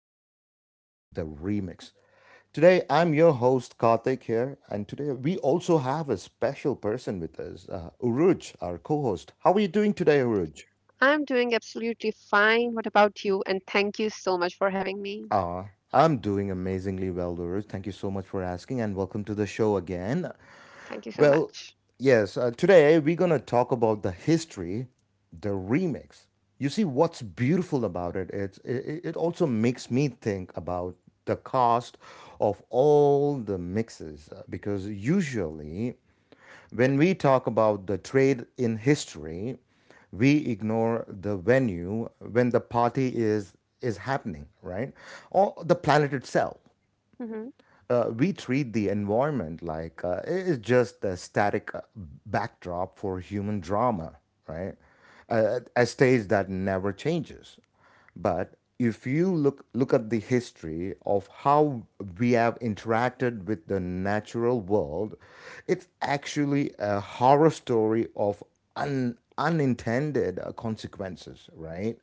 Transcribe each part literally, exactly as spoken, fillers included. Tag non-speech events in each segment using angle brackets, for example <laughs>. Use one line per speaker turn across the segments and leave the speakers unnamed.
The History, The Remix. Today, I'm your host, Karthik here, and today we also have a special person with us, uh, Uruj, our co host. How are you doing today, Uruj?
I'm doing absolutely fine. What about you? And thank you so much for having me.
Uh, I'm doing amazingly well, Uruj. Thank you so much for asking, and welcome to the show again.
Thank you so
Well,
much.
yes, uh, today we're going to talk about the history, the remix. You see, what's beautiful about it, it's, it, it also makes me think about the cost of all the mixes, uh, because usually when we talk about the trade in history, we ignore the venue when the party is is happening, right? Or the planet itself.
Hmm.
Uh, we treat the environment like, uh, it is just a static, uh, backdrop for human drama, right? Uh, a stage that never changes. But if you look look at the history of how we have interacted with the natural world, it's actually a horror story of un, unintended, uh, consequences, right?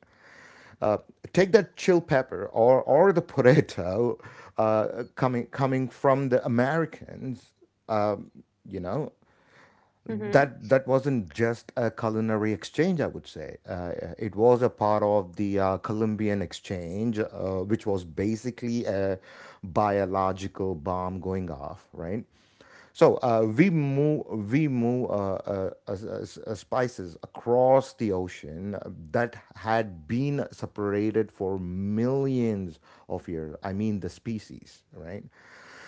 Take that chill pepper, or, or the potato, uh, coming coming from the Americans, you know,
Hmm.
that that wasn't just a culinary exchange, I would say. Uh, uh, it was a part of the, uh, Columbian exchange, uh, which was basically a biological bomb going off, right? So, uh, we move we move uh, uh, uh, uh, spices across the ocean that had been separated for millions of years. I mean the species, right?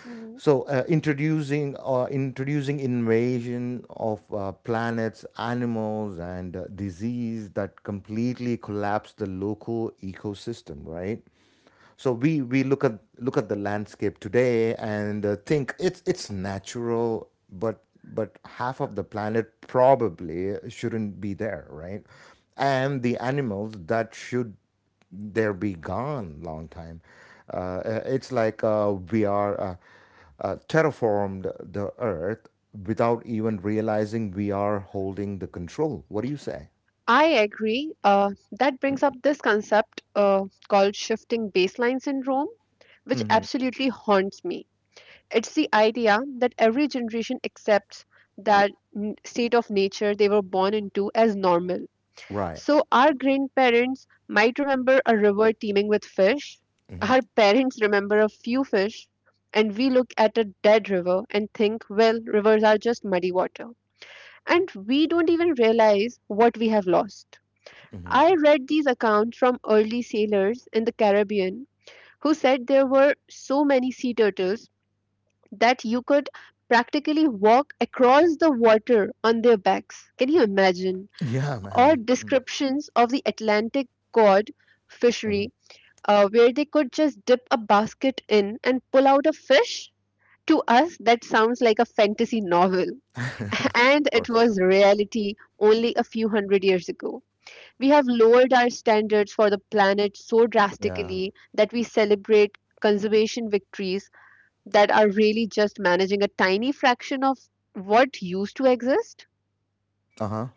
Hmm.
So, uh, introducing uh, introducing invasion of, uh, planets, animals, and, uh, disease that completely collapse the local ecosystem, right? So we, we look at look at the landscape today and, uh, think it's it's natural, but but half of the planet probably shouldn't be there, right? And the animals that should, they'll be gone long time. Uh, uh, it's like, uh, we are, uh, uh, terraformed the earth without even realizing we are holding the control. What do you say?
I agree. Uh, that brings up this concept uh, called shifting baseline syndrome, which
Hmm.
absolutely haunts me. It's the idea that every generation accepts that n- state of nature they were born into as normal.
Right.
So our grandparents might remember a river teeming with fish.
Hmm.
Our parents remember a few fish. And we look at a dead river and think, well, rivers are just muddy water. And we don't even realize what we have lost.
Hmm.
I read these accounts from early sailors in the Caribbean who said there were so many sea turtles that you could practically walk across the water on their backs. Can you imagine?
Yeah,
Or
man.
descriptions of the Atlantic cod
Mm-hmm.
fishery, uh, where they could just dip a basket in and pull out a fish. To us, that sounds like a fantasy novel,
<laughs>
<laughs>
Of
and it
course.
was reality only a few hundred years ago. We have lowered our standards for the planet so
Yeah.
drastically that we celebrate conservation victories that are really just managing a tiny fraction of what used to exist.
Uh huh.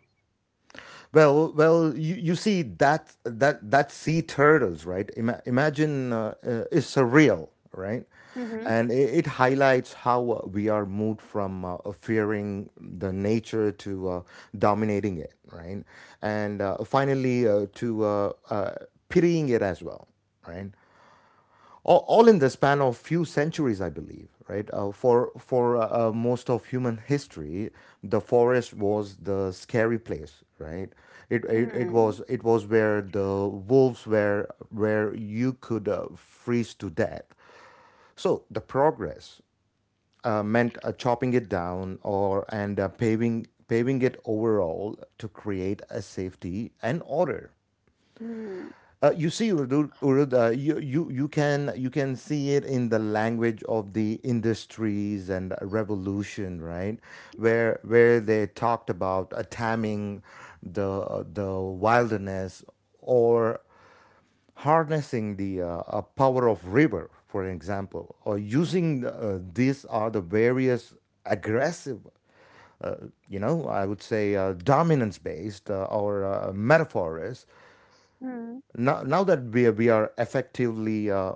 Well, well, you, you see that that that sea turtles, right? Ima- imagine, uh, uh, is surreal, right?
Hmm.
And it, it highlights how, uh, we are moved from, uh, fearing the nature to, uh, dominating it, right? And, uh, finally, uh, to, uh, uh, pitying it as well, right? all, all in the span of few centuries, I believe, right? Uh, for for uh, uh, most of human history, the forest was the scary place, right? It, it, it
Hmm.
was it was where the wolves were, where you could, uh, freeze to death. So the progress, uh, meant, uh, chopping it down or and, uh, paving paving it overall to create a safety and order.
Hmm.
Uh, you see, Urdu, Urdu uh, you, you, you, can, you can see it in the language of the industries and revolution, right? Where, where they talked about, uh, taming the, uh, the wilderness, or harnessing the, uh, uh, power of river, for example, or using, uh, these are the various aggressive, uh, you know, I would say, uh, dominance based, uh, or, uh, metaphors.
Hmm.
Now, now that we, we are effectively uh,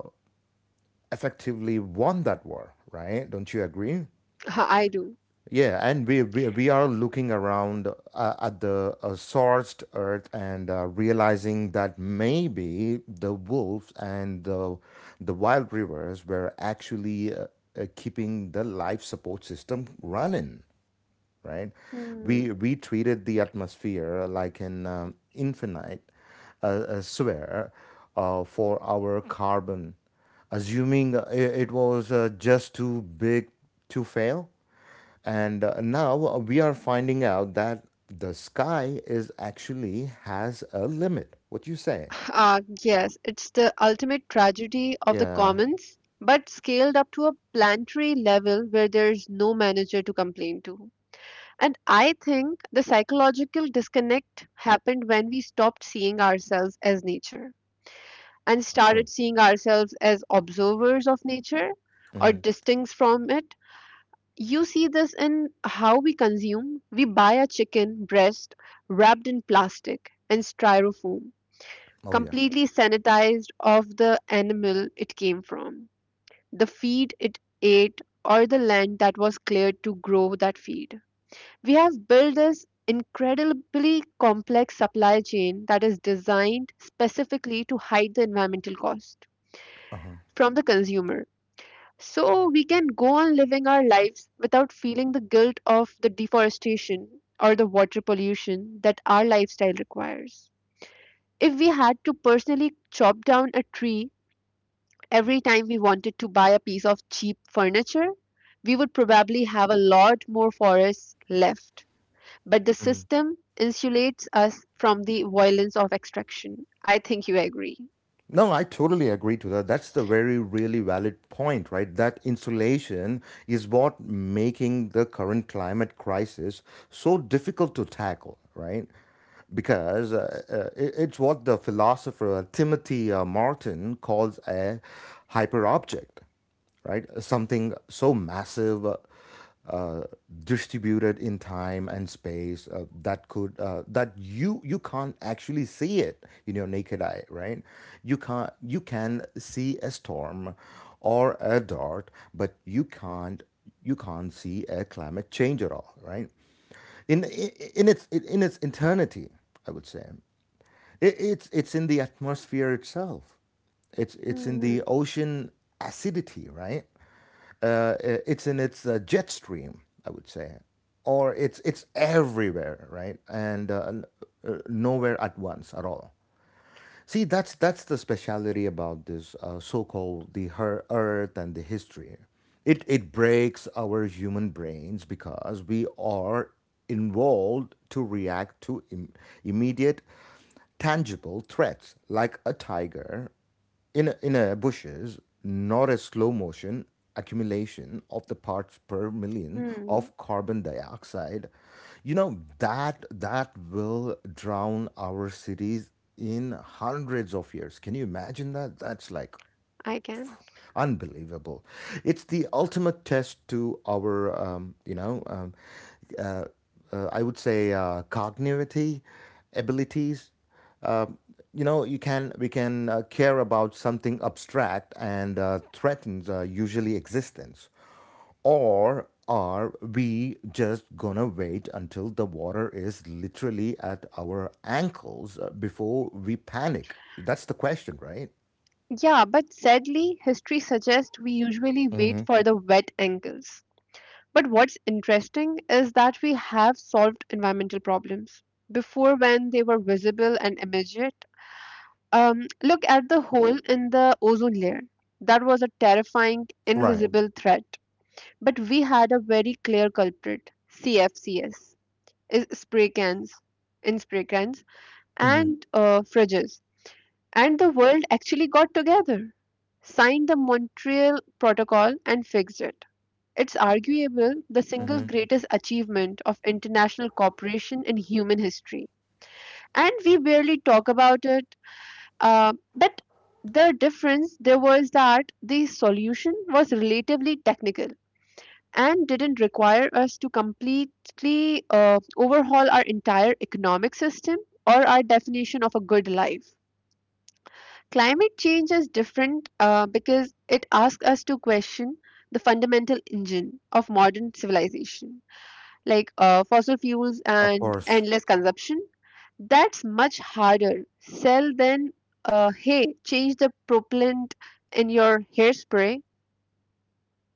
effectively won that war, right? Don't you agree?
<laughs> I do.
Yeah, and we we, we are looking around, uh, at the, uh, sourced earth, and, uh, realizing that maybe the wolves and the the wild rivers were actually, uh, uh, keeping the life support system running, right?
Hmm.
We we treated the atmosphere like an, um, infinite, uh, uh, sphere, uh, for our carbon, assuming, uh, it was, uh, just too big to fail. And, uh, now we are finding out that the sky is actually has a limit. What you say?
Ah, yes, it's the ultimate tragedy of the
Yeah,
commons, but scaled up to a planetary level where there's no manager to complain to. And I think the psychological disconnect happened when we stopped seeing ourselves as nature and started
absolutely.
seeing ourselves as observers of nature or
Hmm.
distinct from it. You see this in how we consume. We buy a chicken breast wrapped in plastic and styrofoam,
Oh yeah.
completely sanitized of the animal it came from, the feed it ate, or the land that was cleared to grow that feed. We have built this incredibly complex supply chain that is designed specifically to hide the environmental cost
Uh-huh.
from the consumer, so we can go on living our lives without feeling the guilt of the deforestation or the water pollution that our lifestyle requires. If we had to personally chop down a tree every time we wanted to buy a piece of cheap furniture, we would probably have a lot more forests left. But the
Mhm.
system insulates us from the violence of extraction. I think you agree.
No, I totally agree to that. That's the very really valid point, right? That insulation is what making the current climate crisis so difficult to tackle, right? Because, uh, uh, it- it's what the philosopher Timothy, uh, Martin calls a hyperobject, right? Something so massive, uh, uh, distributed in time and space, uh, that could, uh, that you you can't actually see it in your naked eye, right? You can't You can see a storm or a dart, but you can't you can't see a climate change at all, right? in in its in its eternity, I would say. It, it's it's in the atmosphere itself. It's it's in
Hmm.
the ocean acidity, right? Uh, uh, it's in its, uh, jet stream, I would say. Or it's it's everywhere, right? And, uh, uh, nowhere at once at all. See, that's that's the speciality about this, uh, so-called the her Earth and the history. It it breaks our human brains because we are involved to react to Im- immediate, tangible threats like a tiger in in a bushes, nor a slow motion accumulation of the parts per million
Hmm.
of carbon dioxide. You know that that will drown our cities in hundreds of years. Can you imagine that? That's like
I can.
unbelievable. It's the ultimate test to our, um, you know um, uh, uh, I would say, uh, cognitivity abilities. you know you can We can, uh, care about something abstract, and, uh, threatens, uh, usually existence. Or are we just gonna wait until the water is literally at our ankles, uh, before we panic? That's the question, right?
Yeah, but sadly, history suggests we usually wait
Hmm.
for the wet ankles. But what's interesting is that we have solved environmental problems before when they were visible and immediate. Um, look at the hole in the ozone layer. That was a terrifying,
Right.
invisible threat. But we had a very clear culprit, C F Ms, is spray cans, in spray cans,
Hmm.
and uh, fridges. And the world actually got together, signed the Montreal Protocol, and fixed it. It's arguable the single
Hmm.
greatest achievement of international cooperation in human history. And we barely talk about it, uh, but the difference there was that the solution was relatively technical and didn't require us to completely uh, overhaul our entire economic system or our definition of a good life. Climate change is different uh, because it asks us to question the fundamental engine of modern civilization, like uh, fossil fuels
Of
and
course.
endless consumption. That's much harder sell than, uh, hey, change the propellant in your hairspray.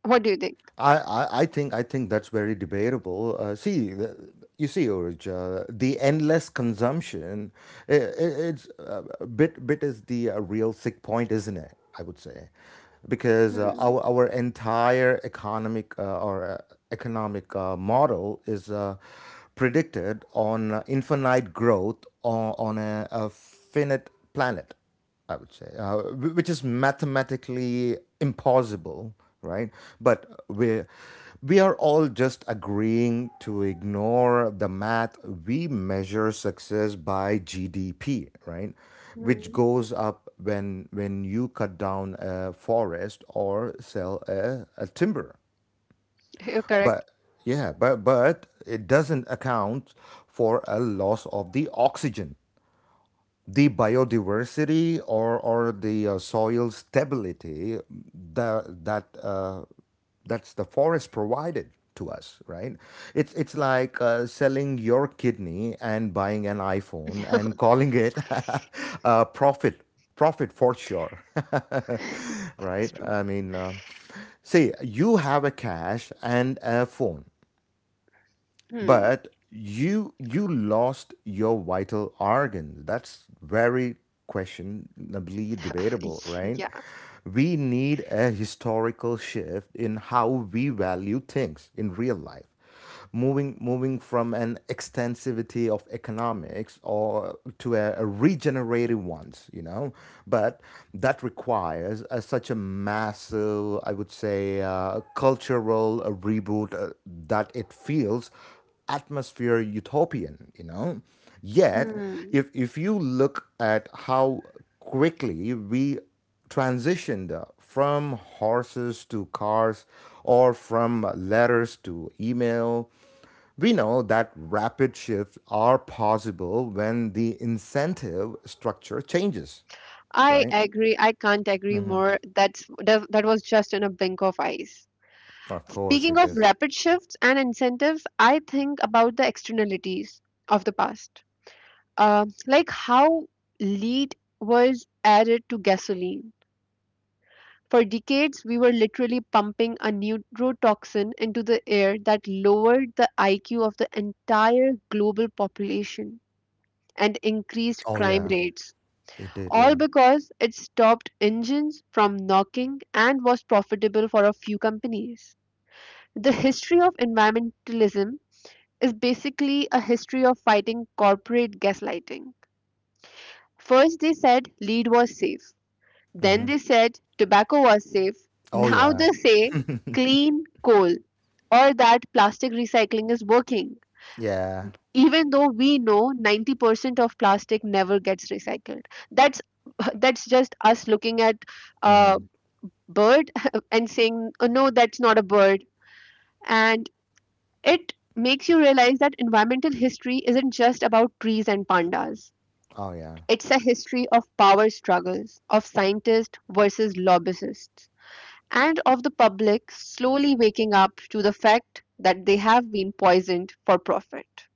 What do you think?
I, I, I think I think that's very debatable. Uh, see, the- you see, Urj, uh, the endless consumption, I I- it's uh, bit bit is the, uh, real sick point, isn't it? I would say, because, uh,
Hmm.
our our entire economic, uh, or uh, economic, uh, model is, uh, predicted on, uh, infinite growth on, on a, a finite planet. I would say, uh, wh- which is mathematically impossible, right? But we we are all just agreeing to ignore the math. We measure success by G D P, right? Which
Hmm.
goes up when when you cut down a forest or sell a, a timber.
You're correct.
But yeah, but but it doesn't account for a loss of the oxygen, the biodiversity, or or the, uh, soil stability, the, that, uh, that's the forest provided to us, right? It's it's like, uh, selling your kidney and buying an iPhone and calling it <laughs> a profit. Profit for sure.
<laughs>
<laughs> Right,
That's true.
I mean, um see, you have a cash and a phone,
Hmm.
but you you lost your vital organs. That's very questionably debatable,
<laughs>
right?
Yeah.
We need a historical shift in how we value things in real life, moving moving from an extensivity of economics, or to a, a regenerative ones, you know? But that requires a, such a massive, I would say, uh, cultural, uh, reboot, uh, that it feels atmosphere utopian, you know? Yet
Hmm.
if if you look at how quickly we transitioned from horses to cars, or from letters to email, we know that rapid shifts are possible when the incentive structure changes.
I
Right.
agree, I can't agree more. That's that, that was just in a blink of eyes.
Of course
Speaking
it
of
is.
rapid shifts and incentives, I think about the externalities of the past, um, like how lead was added to gasoline. For decades, we were literally pumping a neurotoxin into the air that lowered the I Q of the entire global population and increased
Oh
crime
yeah,
rates.
it did,
All
yeah.
because it stopped engines from knocking and was profitable for a few companies. The history of environmentalism is basically a history of fighting corporate gaslighting. First, they said lead was safe. Then
Hmm.
they said tobacco was safe.
Oh
Now
yeah.
they say clean coal or that plastic recycling is working.
Yeah.
Even though we know ninety percent of plastic never gets recycled. That's <laughs> that's just us looking at a
Hmm.
bird <laughs> and saying, oh, no, that's not a bird. And it makes you realize that environmental history isn't just about trees and pandas.
Oh yeah.
It's a history of power struggles, of scientists versus lobbyists, and of the public slowly waking up to the fact that they have been poisoned for profit.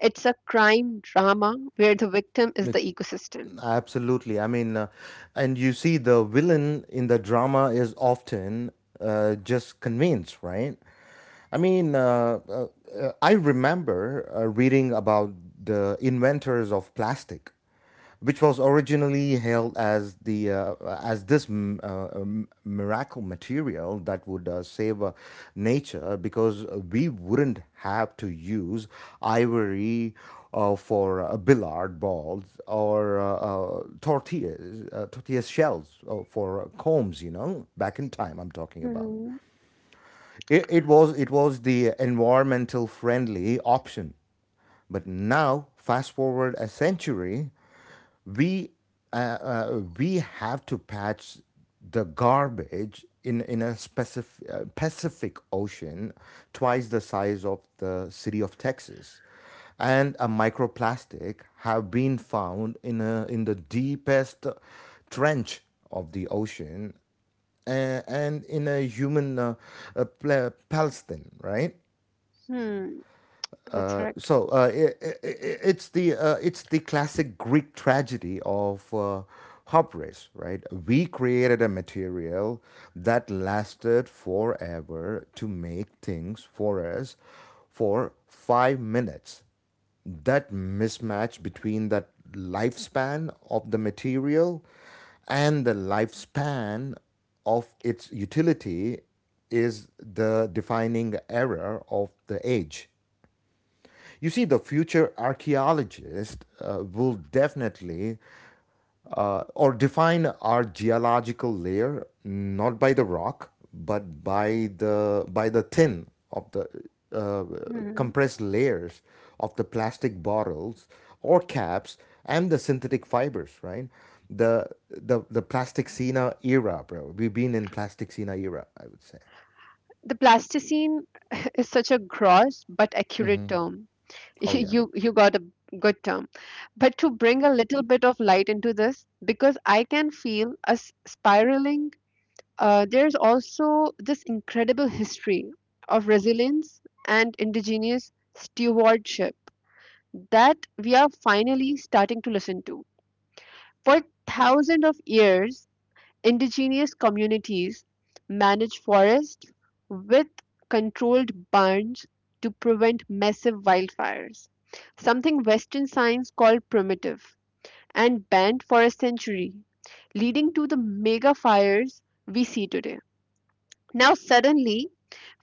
It's a crime drama where the victim is the ecosystem.
Absolutely. I mean, uh, and you see, the villain in the drama is often, uh, just convinced, right? I mean, uh, uh, uh, I remember, uh, reading about the inventors of plastic, which was originally hailed as the, uh, as this, m- uh, um, miracle material that would, uh, save, uh, nature, because we wouldn't have to use ivory, uh, for, uh, billard balls, or, uh, uh, tortillas, uh, tortilla shells, uh, for, uh, combs. You know, back in time, I'm talking about.
Hmm.
It, it was it was the environmental friendly option, but now fast forward a century, we uh, uh, we have to patch the garbage in in a specific, uh, Pacific Ocean, twice the size of the city of Texas, and a microplastic have been found in a, in the deepest trench of the ocean, uh, and in a human, uh, uh, pla- Palestine, right?
Hmm. That's correct.
So, uh, i i i- it's the uh, it's the classic Greek tragedy of, uh, hubris, right? We created a material that lasted forever to make things for us for five minutes. That mismatch between that lifespan of the material and the lifespan of its utility is the defining error of the age. You see, the future archaeologist, uh, will definitely, uh, or define our geological layer, not by the rock but by the by the thin of the, uh,
Hmm.
compressed layers of the plastic bottles or caps, and the synthetic fibers, right? The the the plasticina era, bro. We've been in plasticina era, I would say.
The plasticine <laughs> is such a gross but accurate term. <laughs>
Oh yeah.
You you got a good term. But to bring a little bit of light into this, because I can feel us spiraling. Uh, there's also this incredible history of resilience and indigenous stewardship that we are finally starting to listen to. For thousands of years, indigenous communities managed forests with controlled burns to prevent massive wildfires, something Western science called primitive and banned for a century, leading to the mega fires we see today. Now, suddenly,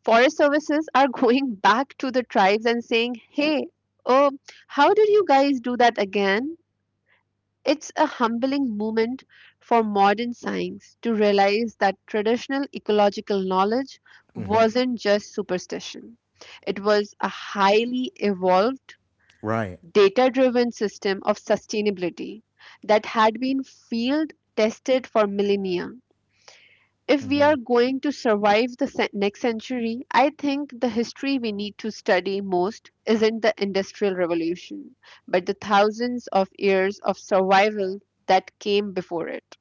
forest services are <laughs> going back to the tribes and saying, hey, oh, how did you guys do that again? It's a humbling moment for modern science to realize that traditional ecological knowledge
Mm-hmm.
wasn't just superstition. It was a highly evolved,
Right.
data driven system of sustainability that had been field tested for millennia. If we are going to survive the cen- next century, I think the history we need to study most isn't the Industrial Revolution, but the thousands of years of survival that came before it.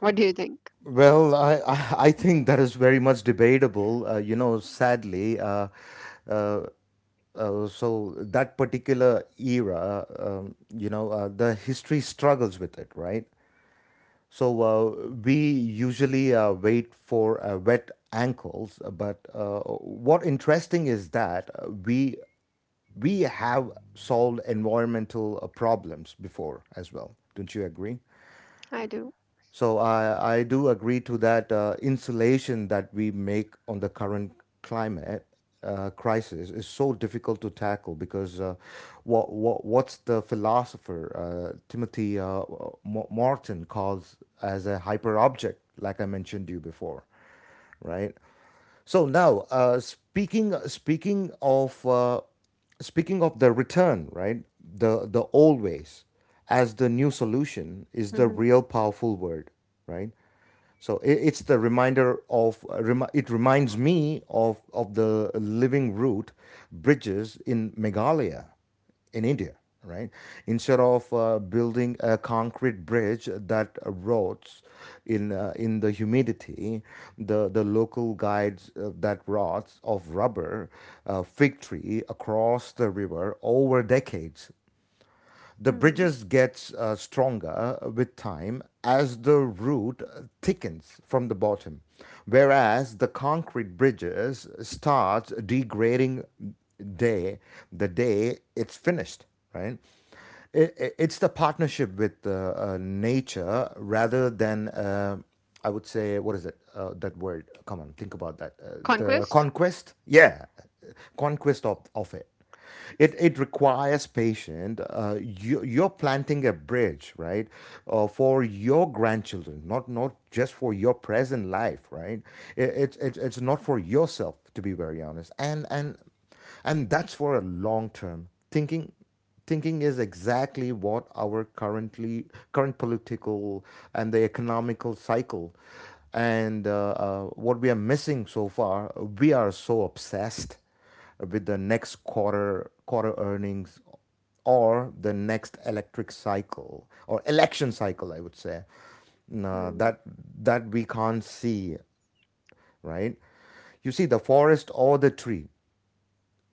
What do you think?
Well, I, I I think that is very much debatable. Uh, you know, sadly, uh, uh, uh, so that particular era, um, you know, uh, the history struggles with it, right? So, uh, we usually, uh, wait for, uh, wet ankles, but, uh, what interesting is that, uh, we we have solved environmental, uh, problems before as well. Don't you agree?
I do.
So I, I do agree to that uh, insulation that we make on the current climate uh, crisis is so difficult to tackle because uh, what, what what's the philosopher uh, Timothy uh, Mo- Morton calls as a hyper object, like I mentioned to you before, right? So now, uh, speaking speaking of uh, speaking of the return, right? The the old ways as the new solution is the
Hmm.
real powerful word, right? So it, it's the reminder of remi- it reminds me of of the living root bridges in Meghalaya, in India, right? Instead of uh, building a concrete bridge that rots in uh, in the humidity, the the local guides uh, that rots of rubber, uh, fig tree across the river over decades. The
Hmm.
bridges gets uh, stronger with time as the root thickens from the bottom, whereas the concrete bridges starts degrading day the day it's finished. Right, it, it's the partnership with uh, uh, nature rather than. Uh, I would say, what is it? Uh, that word. Come on, think about that. Uh, the
Conquest?
conquest. Yeah, conquest of of it it it requires patience. Uh, you you're planting a bridge, right, uh, for your grandchildren, not not just for your present life, right? It, it, it it's not for yourself, to be very honest, and and and that's for a long term thinking. Thinking is exactly what our currently current political and the economical cycle, and uh, uh, what we are missing so far. We are so obsessed with the next quarter quarter earnings or the next electric cycle or election cycle, I would say. No,
Hmm.
that that we can't see, right? You see the forest or the tree.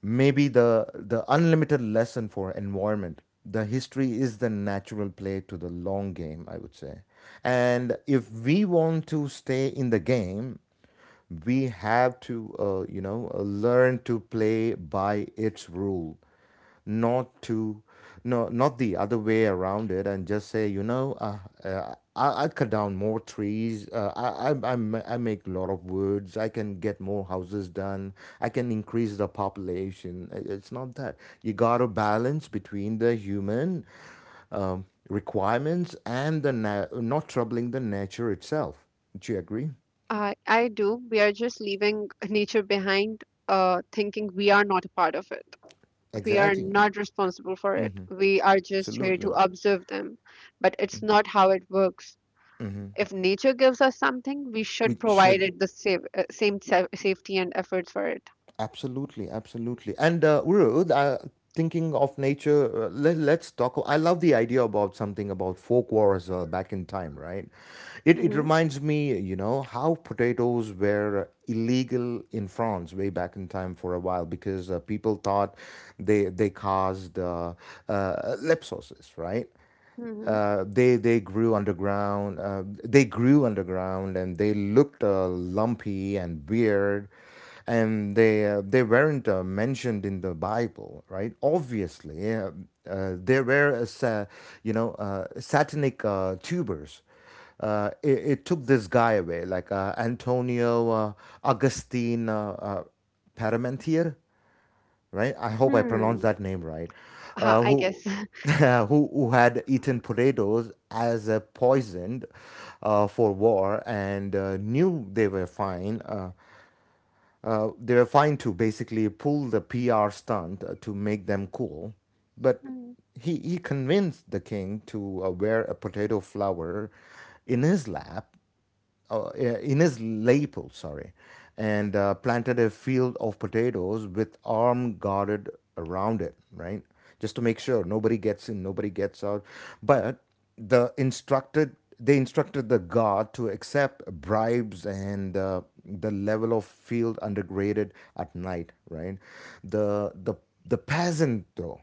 Maybe the the unlimited lesson for environment, the history is the natural play to the long game, I would say. And if we want to stay in the game, we have to uh, you know uh, learn to play by its rule, not to. No, not the other way around it, and just say, you know uh, uh, I, I cut down more trees. Uh, I, I, I ma- I make a lot of woods. I can get more houses done. I can increase the population. I- it's not that. You gotta balance between the human um, requirements and the na- not troubling the nature itself. Do you agree?
I I do. We are just leaving nature behind, uh, thinking we are not a part of it. We are
Exactly.
not responsible for it. We are just here to
Absolutely.
observe them. But it's not how it works. If nature gives us something, we
We
should provide
should.
it the save, uh, same sa- safety and efforts for it.
Absolutely, absolutely. And uh, Urud, uh, thinking of nature, uh, let, let's talk. I love the idea about something about folk wars as well back in time, right? It, it
Mm-hmm.
reminds me, you know, how potatoes were illegal in France way back in time for a while because uh, people thought they they caused uh, uh, leptosis, right?
Mm-hmm.
uh, they they grew underground. Uh, they grew underground, and they looked uh, lumpy and weird, and they uh, they weren't uh, mentioned in the Bible, right? Obviously, uh, uh, they were uh, sa- you know uh, satanic uh, tubers. Uh, it, it took this guy away, like uh, Antonio uh, Augustine uh, uh, Parmentier, right? I hope I pronounced
Hmm.
that name right.
Uh,
Uh,
I
who,
guess. <laughs>
<laughs> who who had eaten potatoes as a poison uh, for war and uh, knew they were fine. Uh, uh, they were fine to basically pull the P R stunt uh, to make them cool, but
Hmm.
he he convinced the king to uh, wear a potato flower in his lap, uh, in his lapel, sorry, and uh, planted a field of potatoes with arm guarded around it, right? Just to make sure nobody gets in, nobody gets out. But the instructed, they instructed the guard to accept bribes and uh, the level of field undergraded at night, right? The the the peasant though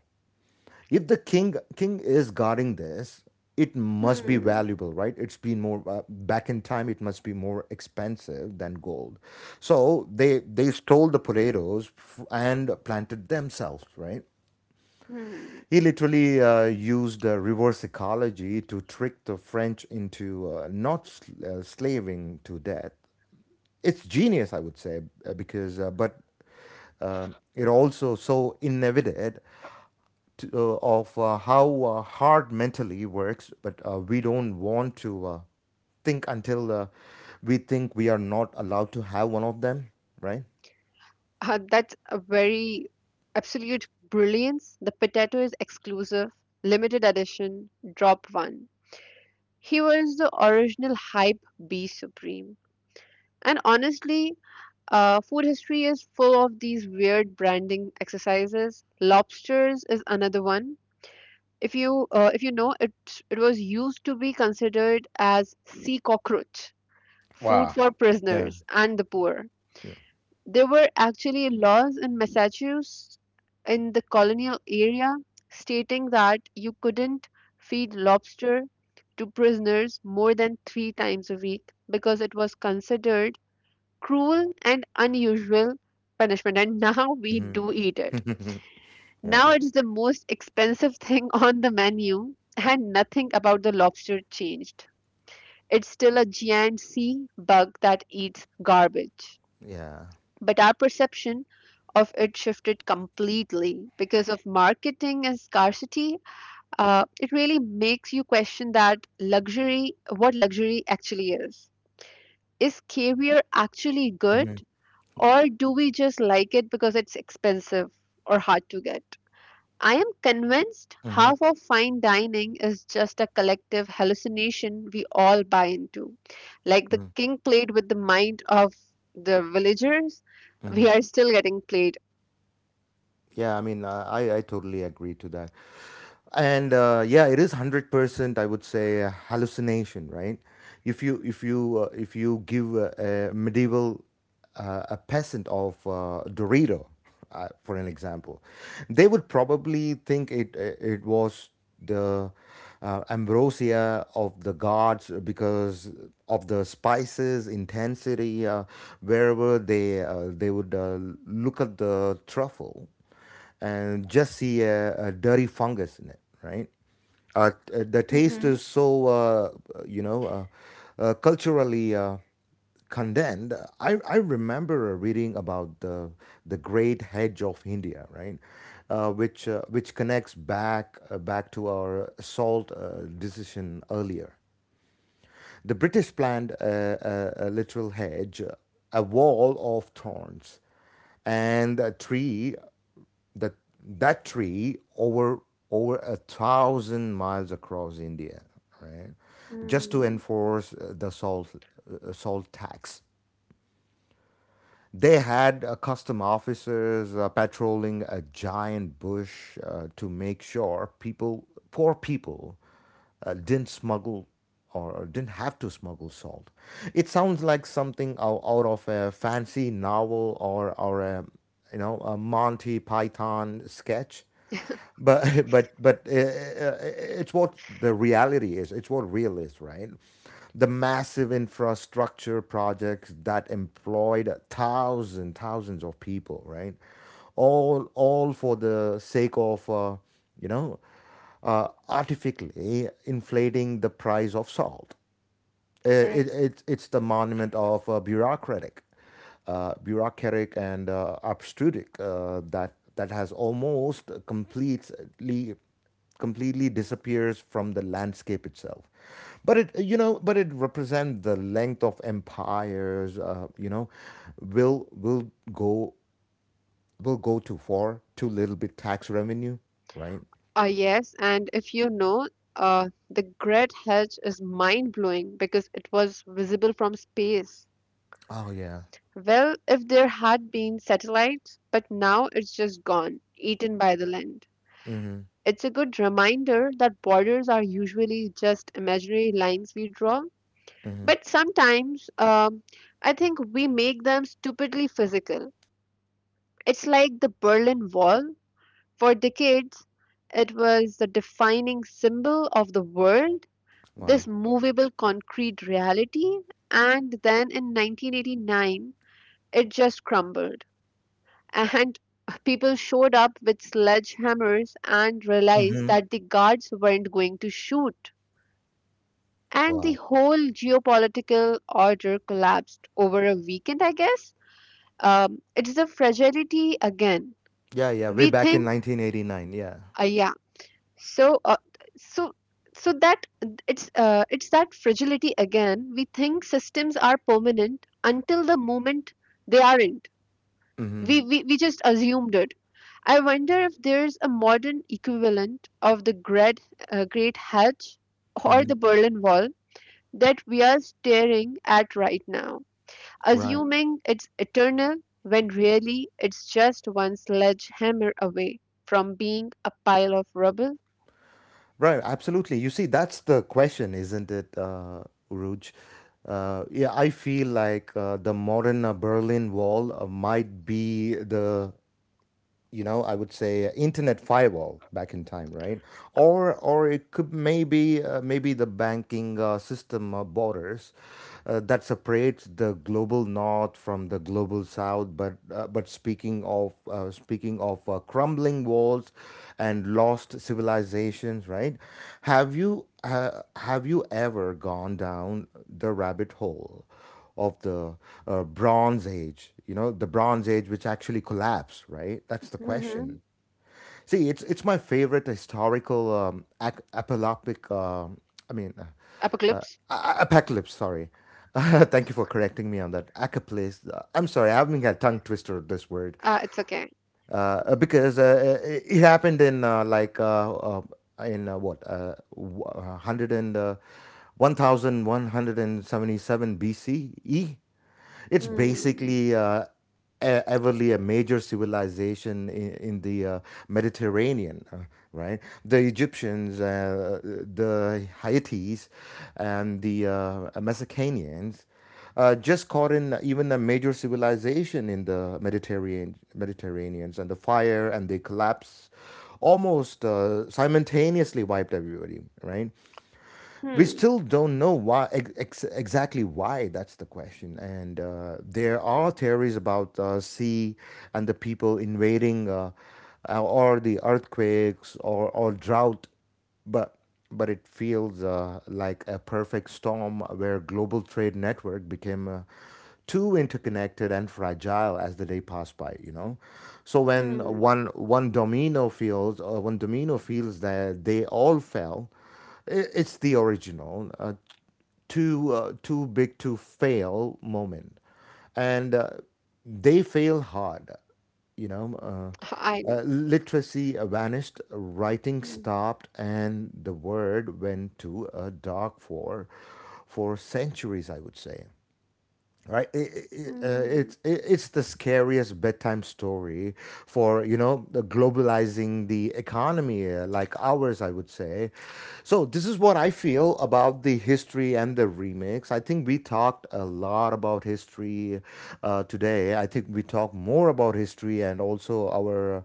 if the king king is guarding this, it must be
Hmm.
valuable, right? It's been more, uh, back in time, it must be more expensive than gold. So they they stole the potatoes f- and planted themselves, right?
Hmm.
He literally uh, used uh, reverse ecology to trick the French into uh, not sl- uh, slaving to death. It's genius, I would say. Uh, because uh, but um, it also so innovated to, uh, of uh, how uh, hard mentally works, but uh, we don't want to uh, think until uh, we think we are not allowed to have one of them, right?
Uh, that's a very absolute brilliance. The potato is exclusive, limited edition, drop one. He was the original hype beast supreme. And honestly, uh, food history is full of these weird branding exercises. Lobsters is another one. If you uh, if you know it, it was used to be considered as sea cockroach, food
Wow.
for
Yeah.
prisoners and the poor.
Yeah.
There were actually laws in Massachusetts in the colonial area stating that you couldn't feed lobster to prisoners more than three times a week because it was considered cruel and unusual punishment, and <laughs> now we do eat it.
Mm-hmm. <laughs> Yeah.
Now it's the most expensive thing <laughs> on the menu, and nothing about the lobster changed. It's still a giant sea bug that eats garbage.
Yeah.
But our perception of it shifted completely because of marketing and scarcity. Uh, it really makes you question that luxury, what luxury actually is. Is caviar actually good,
Mm-hmm.
or do we just like it because it's expensive or hard to get? I am convinced
Mm-hmm.
half of fine dining is just a collective hallucination we all buy into. Like the king played with the mind of the villagers,
Mm-hmm.
we are still getting played.
Yeah, I mean, uh, I, I totally agree to that. And uh, yeah, it is one hundred percent, I would say, a hallucination, right? If you if you uh, if you give a, a medieval uh, a peasant of uh, Dorito, uh, for an example, they would probably think it it it was the uh, ambrosia of the gods because of the spices intensity, uh, wherever they uh, they would uh, look at the truffle and just see a, a dirty fungus in it, right? Uh, t- the taste
Mm-hmm.
is so, uh, you know, uh, uh, culturally uh, condemned. I, I remember reading about the, the great hedge of India, right? Uh, which, uh, which connects back, uh, back to our salt uh, decision earlier. The British planned a, a, a literal hedge, a wall of thorns, and a tree that that tree over over a thousand miles across India, right? Just to
Mm,
enforce uh, the salt uh, salt tax. They had uh, custom officers uh, patrolling a giant bush uh, to make sure people, poor people, uh, didn't smuggle or didn't have to smuggle salt. It sounds like something ou- out of a fancy novel or or a you know, a Monty Python sketch, but <laughs> but but uh, uh, it's what the reality is. It's what real is, right? The massive infrastructure projects that employed thousands, thousands of people, right? All all for the sake of uh, you know uh, artificially inflating the price of salt. uh, It,
correct.
it, it's the monument of uh, bureaucratic, uh, bureaucratic and uh, obstructive uh, that that has almost completely completely disappears from the landscape itself. But it, you know, but it represents the length of empires. Uh, you know, will will go will go too far, too little bit tax revenue, right?
Uh, yes, and if you know, uh, the Great Hedge is mind-blowing because it was visible from space.
Oh yeah.
Well, if there had been satellites, but now it's just gone, eaten by the land.
Mm-hmm.
It's a good reminder that borders are usually just imaginary lines we draw,
Mm-hmm.
but sometimes, um, I think we make them stupidly physical. It's like the Berlin Wall. For decades, it was the defining symbol of the world,
Wow.
this movable concrete reality, and then in nineteen eighty-nine, it just crumbled. And <laughs> people showed up with sledgehammers and realized
Mm-hmm.
that the guards weren't going to shoot. And the
Wow.
whole geopolitical order collapsed over a weekend, I guess. Um, it is a fragility again.
Yeah, yeah, way
We
back in
think,
nineteen eighty-nine. Yeah.
uh, yeah, so, uh, so, so that It's uh, it's that fragility again. We think systems are permanent until the moment they aren't.
Mm-hmm.
We we, we just assumed it. I wonder if there's a modern equivalent of the Great uh, Great Hedge or
Mm-hmm.
the Berlin Wall that we are staring at right now,
Right.
assuming it's eternal when really it's just one sledgehammer away from being a pile of rubble.
Right. Absolutely. You see, that's the question, isn't it, uh, Uruj? Uh, yeah, I feel like uh, the modern uh, Berlin Wall uh, might be the, you know, I would say uh, internet firewall back in time, right? Or or it could maybe, uh, maybe the banking uh, system uh, borders uh, that separates the global north from the global south. But uh, but speaking of uh, speaking of uh, crumbling walls and lost civilizations, right? Have you uh, have you ever gone down the rabbit hole of the uh, Bronze Age, you know, the Bronze Age which actually collapsed, right? That's the
Hmm.
question. See, it's it's my favorite historical um, ac- apolopic, um, I mean, uh, uh,
Apocalypse.
a- a- apocalypse. Sorry, <laughs> thank you for correcting me on that. Acaplace. I'm sorry, I haven't got a tongue twister of this word
Uh, it's okay.
uh, because uh, uh, it it happened in uh, like uh, uh, in uh, what uh, w- uh, hundred and uh, one thousand one hundred and seventy seven B C E. It's
Hmm.
basically uh, e- everly a major civilization in, in the uh, Mediterranean, uh, right? The Egyptians, uh, the Hittites, and the uh, Mesopotamians, uh, just caught in even a major civilization in the Mediterranean, Mediterraneans, and the fire and the collapse almost uh, simultaneously wiped everybody, right? We
Hmm.
still don't know why ex- exactly why, that's the question. And uh, there are theories about uh, sea and the people invading, uh, uh, or the earthquakes, or, or drought, but but it feels uh, like a perfect storm where global trade network became uh, too interconnected and fragile as the day passed by, you know. So when
Hmm.
one one domino feels, or one domino feels, that they all fell. It's the original, uh, too uh, too big to fail moment, and uh, they fail hard. You know,
<laughs> I
uh,
know.
uh, literacy vanished, writing stopped, and the word went to a dark for for centuries, I would say, right? it, it, it, uh,
Hmm. Hmm.
it's it, it's the scariest bedtime story for, you know, the globalizing the economy uh, like ours, I would say. So this is what I feel about the history and the remix. I think we talked a lot about history uh, today. I think we talk more about history and also our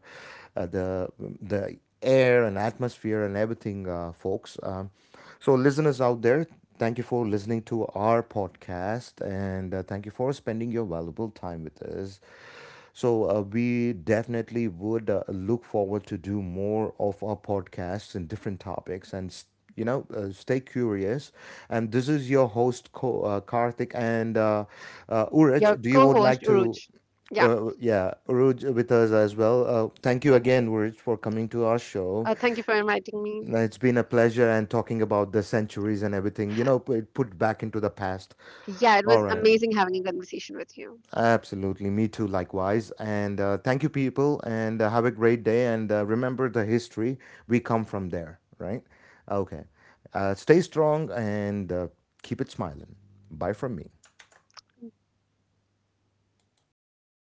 uh, the the air and atmosphere and everything, uh, folks. Um, so, listeners out there, thank you for listening to our podcast and uh, thank you for spending your valuable time with us. So, uh, we definitely would uh, look forward to do more of our podcasts and different topics and s- you know, uh, stay curious. And this is your host, Ko- uh, Karthik and uh, uh,
Your
Uraj. Do you would
co-host
like to
Uruj. Yeah.
uh, yeah, Uruj with us as well. Uh, thank you again, Uruj, for coming to our show.
Uh, thank you for inviting me.
No, it's been a pleasure and talking about the centuries and everything, you know, put put back into the past.
Yeah, it
All
was
right.
amazing having a conversation with you.
Absolutely. Me too, likewise. And uh, thank you, people, and uh, have a great day. And uh, remember the history. We come from there, right? Okay. Uh, stay strong and uh, keep it smiling. Bye from me.